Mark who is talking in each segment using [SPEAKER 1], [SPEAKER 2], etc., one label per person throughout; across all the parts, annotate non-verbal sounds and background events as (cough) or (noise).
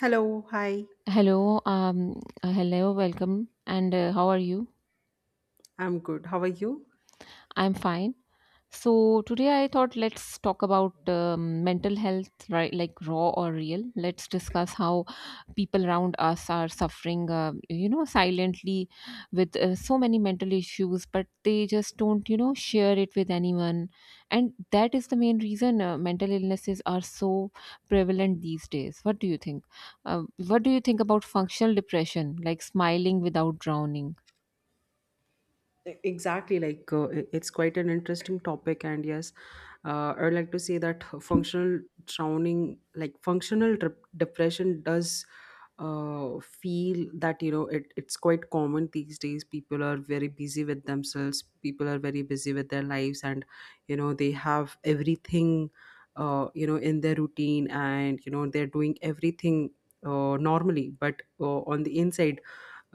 [SPEAKER 1] Hello, hi.
[SPEAKER 2] Hello, hello, welcome, and how are you?
[SPEAKER 1] I'm good. How are you?
[SPEAKER 2] I'm fine. So today I thought let's talk about mental health, right? Like raw or real. Let's discuss how people around us are suffering, silently with so many mental issues, but they just don't share it with anyone. And that is the main reason mental illnesses are so prevalent these days. What do you think? What do you think about functional depression, like smiling without drowning?
[SPEAKER 1] Exactly, like it's quite an interesting topic, and yes, I'd like to say that functional drowning, like functional depression, does feel that it's quite common these days. People are very busy with themselves. People are very busy with their lives, and they have everything, in their routine, and they're doing everything normally, but on the inside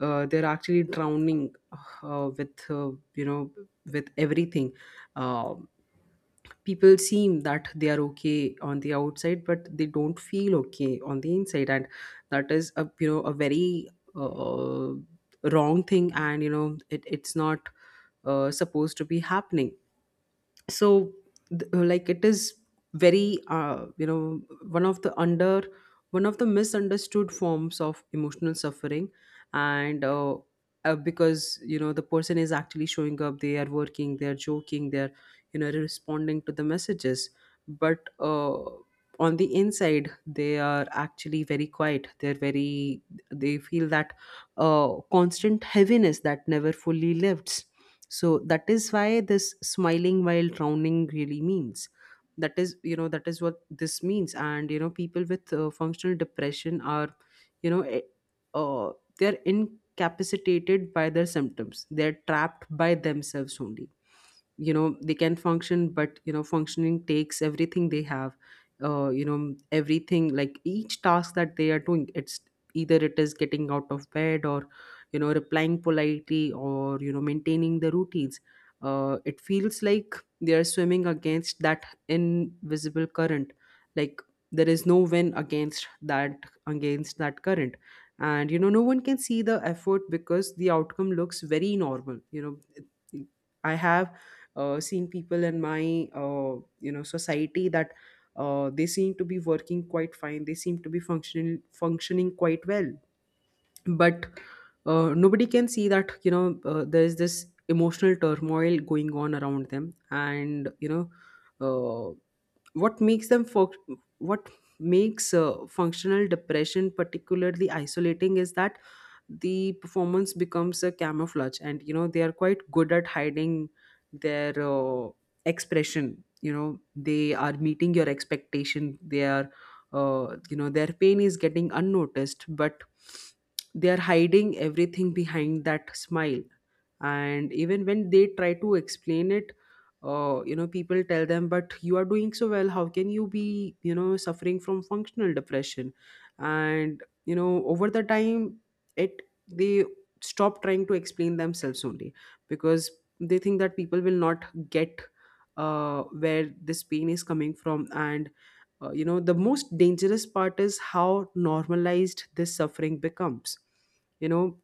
[SPEAKER 1] they're actually drowning with you know with everything. Uh, people seem that they are okay on the outside, but they don't feel okay on the inside, and that is a you know a very uh, wrong thing. And it's not supposed to be happening. So like it is very one of the under one of the misunderstood forms of emotional suffering. And because the person is actually showing up, they are working, they are joking, they are responding to the messages. But on the inside they are actually very quiet, they feel that constant heaviness that never fully lifts. So that is why this smiling while drowning really means, that is what this means. And people with functional depression are, you know eh, uh, they're incapacitated by their symptoms, they're trapped by themselves only. They can function, but functioning takes everything they have, everything. Like each task that they are doing, it's either it is getting out of bed, or replying politely, or maintaining the routines. It feels like they are swimming against that invisible current. Like there is no win against that current. And no one can see the effort, because the outcome looks very normal. I have seen people in my, society, that they seem to be working quite fine, they seem to be functioning quite well. But nobody can see that there is this emotional turmoil going on around them. And uh, what makes them func- what makes functional depression particularly isolating is that the performance becomes a camouflage. And they are quite good at hiding their expression. They are meeting your expectation, they are their pain is getting unnoticed, but they are hiding everything behind that smile. And even when they try to explain it, people tell them, but you are doing so well, how can you be suffering from functional depression? And over the time, it they stop trying to explain themselves only, because they think that people will not get where this pain is coming from. And the most dangerous part is how normalized this suffering becomes. you know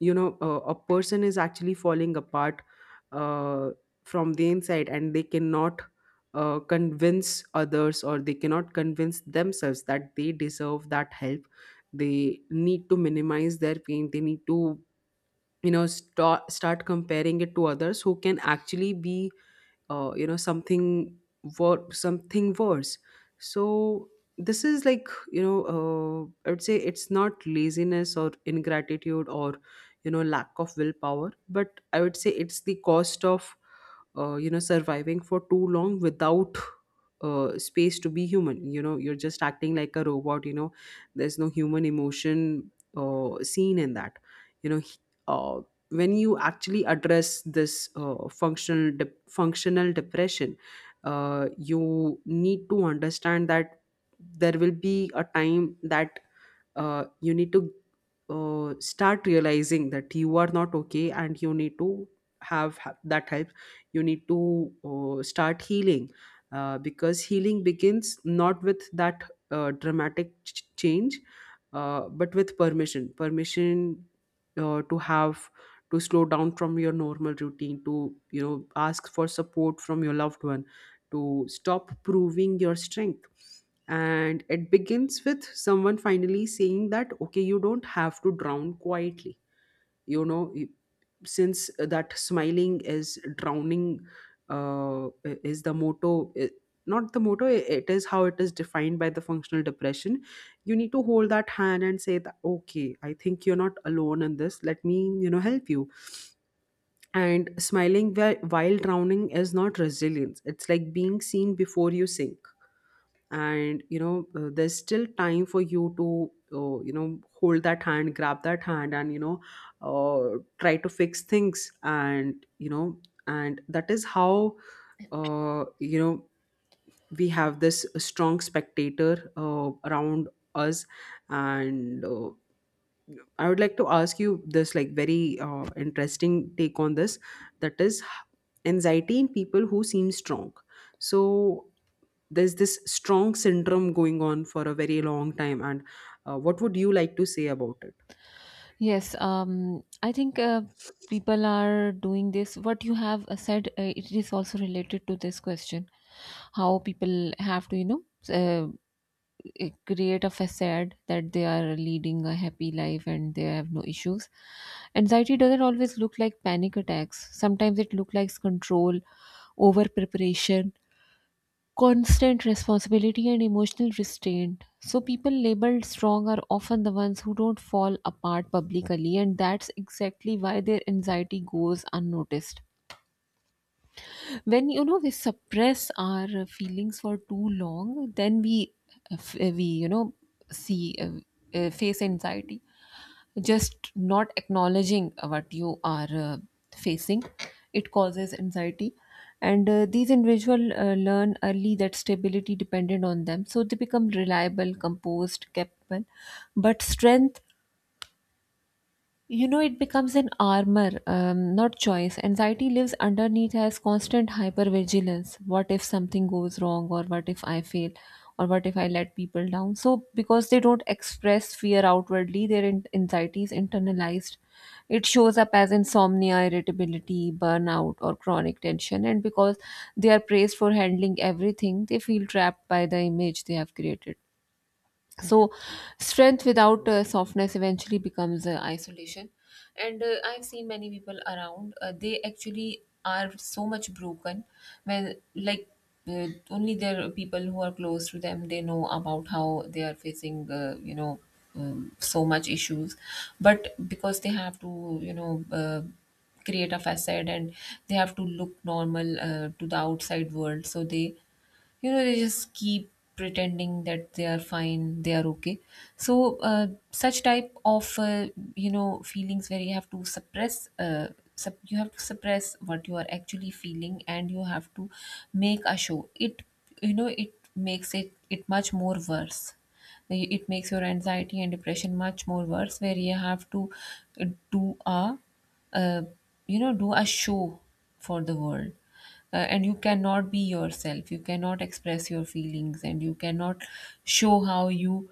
[SPEAKER 1] you know uh, a person is actually falling apart uh, from the inside, and they cannot convince others, or they cannot convince themselves, that they deserve that help. They need to minimize their pain, they need to start comparing it to others who can actually be uh, you know something something worse. So this is like, I would say it's not laziness or ingratitude or lack of willpower, but I would say it's the cost of surviving for too long without space to be human. You're just acting like a robot. There's no human emotion seen in that. You know he- uh, when you actually address this functional depression, you need to understand that there will be a time that you need to start realizing that you are not okay, and you need to have that help. You need to start healing, because healing begins not with that dramatic change, but with permission, uh, to have to slow down from your normal routine, to ask for support from your loved one, to stop proving your strength. And it begins with someone finally saying that, okay, you don't have to drown quietly. You know you- since that smiling is drowning, uh, is the motto, not the motto, it is how it is defined by the functional depression. You need to hold that hand and say that, okay, I think you're not alone in this, let me help you. And smiling while drowning is not resilience, it's like being seen before you sink. And there's still time for you to hold that hand, grab that hand, and try to fix things. And that is how, uh, you know we have this strong spectator around us. And I would like to ask you this, like, very interesting take on this, that is, anxiety in people who seem strong. So there's this strong syndrome going on for a very long time, and what would you like to say about it?
[SPEAKER 2] Yes, I think people are doing this. What you have said, it is also related to this question, how people have to, uh, create a facade that they are leading a happy life and they have no issues. Anxiety doesn't always look like panic attacks. Sometimes it looks like control, over preparation, constant responsibility and emotional restraint. So, people labeled strong are often the ones who don't fall apart publicly, and that's exactly why their anxiety goes unnoticed. When you know we suppress our feelings for too long, then we f- we you know see face anxiety, just not acknowledging what you are facing, it causes anxiety. And these individuals learn early that stability depended on them, so they become reliable, composed, capable. But strength, you know, it becomes an armor, not choice. Anxiety lives underneath as constant hypervigilance. What if something goes wrong, or what if I fail, or what if I let people down? So, because they don't express fear outwardly, their anxiety is internalized. It shows up as insomnia, irritability, burnout, or chronic tension. And because they are praised for handling everything, they feel trapped by the image they have created. So, strength without softness eventually becomes isolation. And I've seen many people around, they actually are so much broken when, like, only their people who are close to them they know about how they are facing, so much issues. But because they have to, create a facade and they have to look normal to the outside world, so they you know they just keep pretending that they are fine, they are okay. So such type of feelings where you have to suppress what you are actually feeling and you have to make a show it, you know it makes it much more worse. It makes your anxiety and depression much more worse where you have to uh, do a uh, do a show for the world. And you cannot be yourself, you cannot express your feelings, and you cannot show how you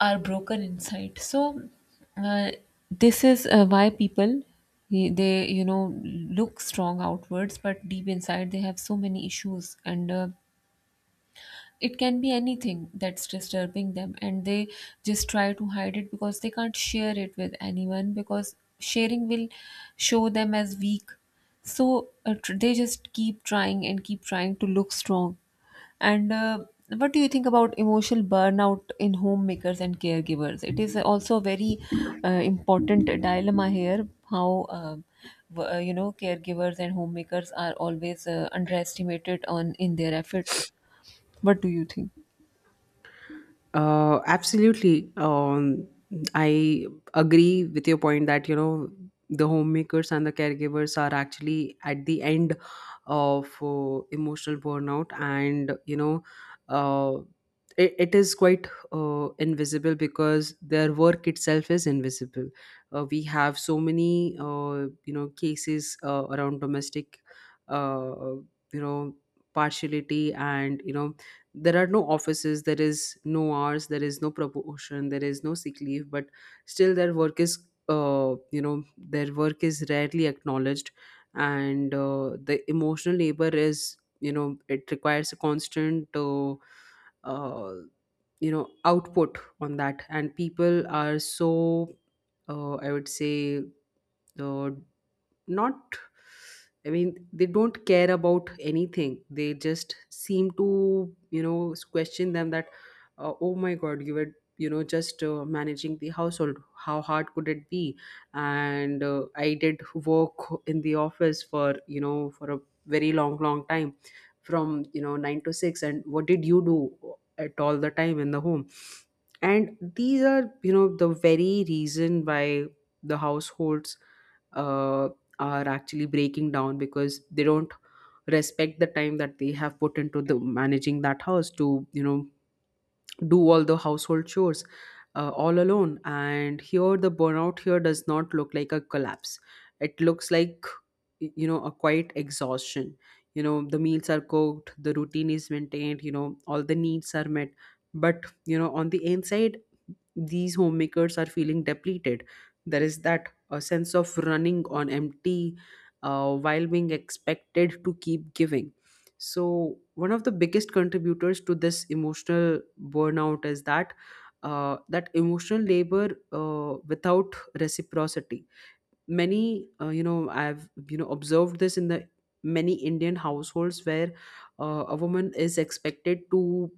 [SPEAKER 2] are broken inside. So uh, this is why people, they you know look strong outwards but deep inside they have so many issues. And it can be anything that's disturbing them, and they just try to hide it because they can't share it with anyone, because sharing will show them as weak. So they just keep trying and keep trying to look strong. And what do you think about emotional burnout in homemakers and caregivers? It is also a very important dilemma here. How, you know, caregivers and homemakers are always underestimated on in their efforts. What do you think?
[SPEAKER 1] Absolutely. I agree with your point that, the homemakers and the caregivers are actually at the end of emotional burnout. And, uh, it is quite invisible because their work itself is invisible. We have so many, cases around domestic, uh, you know, partiality. And, there are no offices, there is no hours, there is no promotion, there is no sick leave, but still their work is you know their work is rarely acknowledged. And the emotional labor, is you know it requires a constant, uh, output on that. And people are so, I would say, uh, not, I mean, they don't care about anything, they just seem to question them that, oh my god, you were, just managing the household, how hard could it be? And I did work in the office for, for a very long, long time, from 9 to 6. And what did you do at all the time in the home? And these are, the very reason why the households uh, are actually breaking down, because they don't respect the time that they have put into the managing that house, to do all the household chores all alone. And here the burnout here does not look like a collapse, it looks like a quiet exhaustion. The meals are cooked, the routine is maintained, all the needs are met. But on the inside these homemakers are feeling depleted. There is that a sense of running on empty while being expected to keep giving. So, one of the biggest contributors to this emotional burnout is that emotional labor without reciprocity. Many, I've observed this in the many Indian households, where a woman is expected to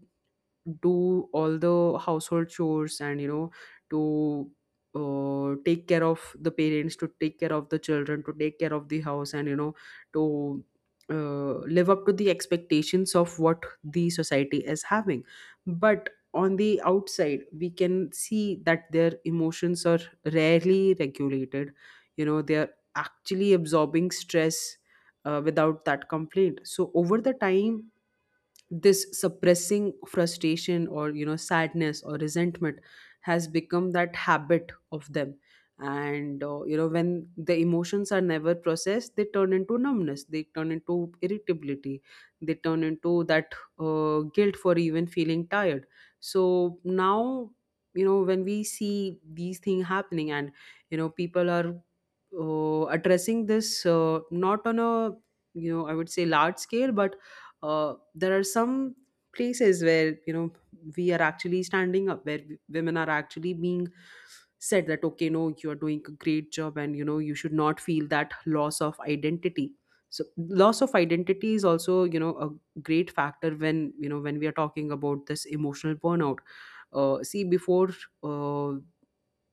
[SPEAKER 1] do all the household chores, and to take care of the parents, to take care of the children, to take care of the house, and to live up to the expectations of what the society is having. But on the outside we can see that their emotions are rarely regulated. They are actually absorbing stress without that complaint. So over the time, this suppressing frustration, or sadness, or resentment, has become that habit of them. And when the emotions are never processed, they turn into numbness, they turn into irritability, they turn into that guilt for even feeling tired. So now when we see these things happening, and people are addressing this, not on a, I would say, large scale. But there are some places where we are actually standing up, where women are actually being said that, okay, no, you are doing a great job, and you should not feel that loss of identity. So loss of identity is also, a great factor when you know when we are talking about this emotional burnout. See, before uh,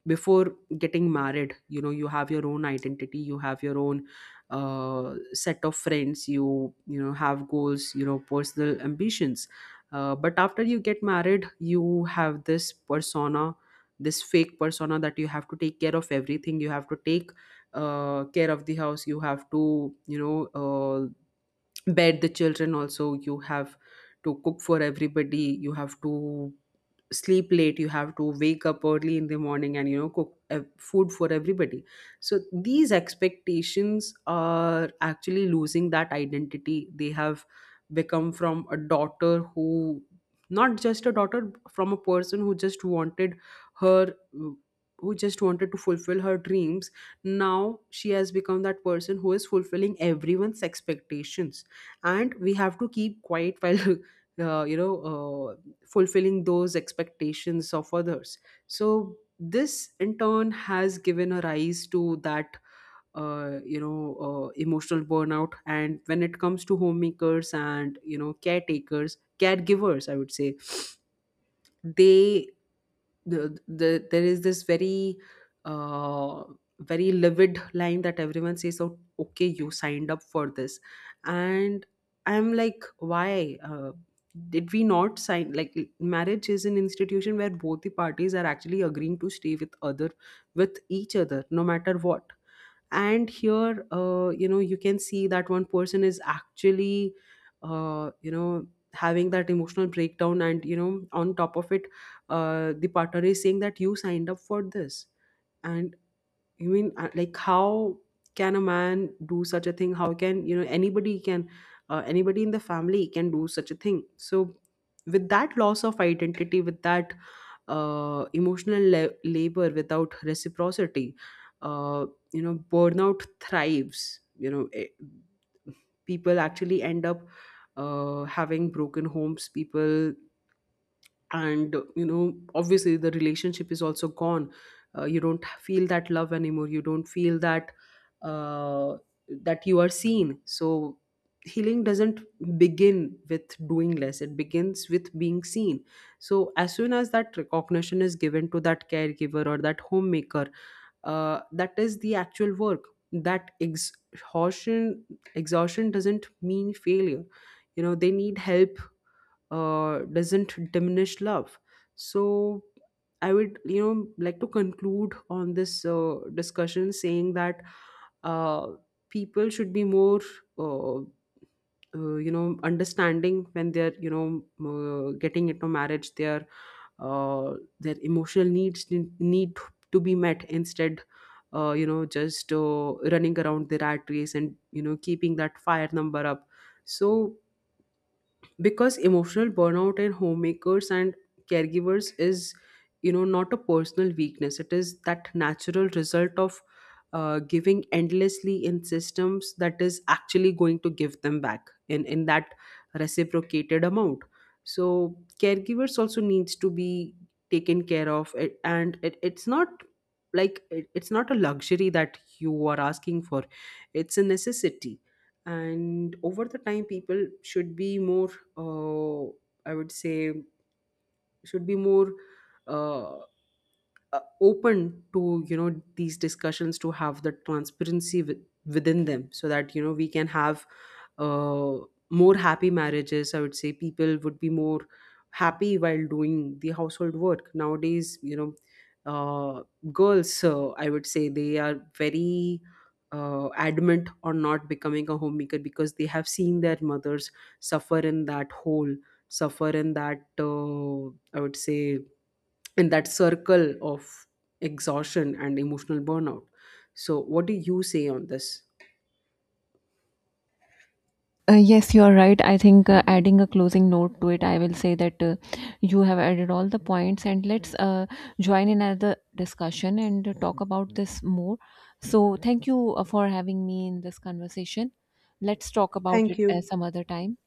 [SPEAKER 1] before getting married, you have your own identity, you have your own set of friends, you know have goals, personal ambitions. But after you get married, you have this persona, this fake persona, that you have to take care of everything, you have to take care of the house, you have to bed the children, also, you have to Cook for everybody, you have to sleep late, you have to wake up early in the morning and, you know, cook food for everybody. So these expectations are actually losing that identity. They have become from a daughter who, not just a daughter, from a person who just wanted her, who just wanted to fulfill her dreams. Now she has become that person who is fulfilling everyone's expectations, and we have to keep quiet while (laughs) uh, you know fulfilling those expectations of others. So this in turn has given a rise to that emotional burnout. And when it comes to homemakers and, you know, caretakers, caregivers, I would say they, the there is this very uh, very livid line that everyone says: oh, okay, you signed up for this. And I'm like, why? Did we not sign? Like, marriage is an institution where both the parties are actually agreeing to stay with other, with each other, no matter what. And here, you can see that one person is actually, uh, you know having that emotional breakdown, and, you know, on top of it, the partner is saying that you signed up for this. And you mean, like, how can a man do such a thing? How can, you know, anybody can, anybody in the family can do such a thing? So with that loss of identity, with that emotional labor without reciprocity, uh, burnout thrives. People actually end up having broken homes. People, and, you know, obviously the relationship is also gone. You don't feel that love anymore. You don't feel that uh, that you are seen. So healing doesn't begin with doing less, it begins with being seen. So as soon as that recognition is given to that caregiver or that homemaker, that is the actual work. That exhaustion, exhaustion doesn't mean failure. You know, they need help. Doesn't diminish love. So I would, like to conclude on this discussion saying that uh, people should be more, uh, understanding when they're, getting into marriage. Uh, their emotional needs need to be met instead. You know, just Running around the rat race and, you know, keeping that fire number up. So, because emotional burnout in homemakers and caregivers is, you know, not a personal weakness, it is that natural result of giving endlessly in systems that is actually going to give them back in that reciprocated amount. So caregivers also needs to be taken care of it, and it's not like it's not a luxury that you are asking for, it's a necessity. And over the time, people should be more, uh, I would say should be more, uh, open to, you know, these discussions, to have the transparency with, within them, so that, you know, we can have uh, more happy marriages. I would say people would be more happy while doing the household work. Nowadays, you know, uh, girls, I would say, they are very adamant on not becoming a homemaker, because they have seen their mothers suffer in that hole, suffer in that, I would say, in that circle of exhaustion and emotional burnout. So what do you say on this?
[SPEAKER 2] Yes, you are right. I think adding a closing note to it, I will say that you have added all the points, and let's join in another discussion and talk about this more. So, thank you for having me in this conversation. Let's talk about
[SPEAKER 1] Thank
[SPEAKER 2] it
[SPEAKER 1] you.
[SPEAKER 2] some other time.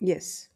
[SPEAKER 1] Yes.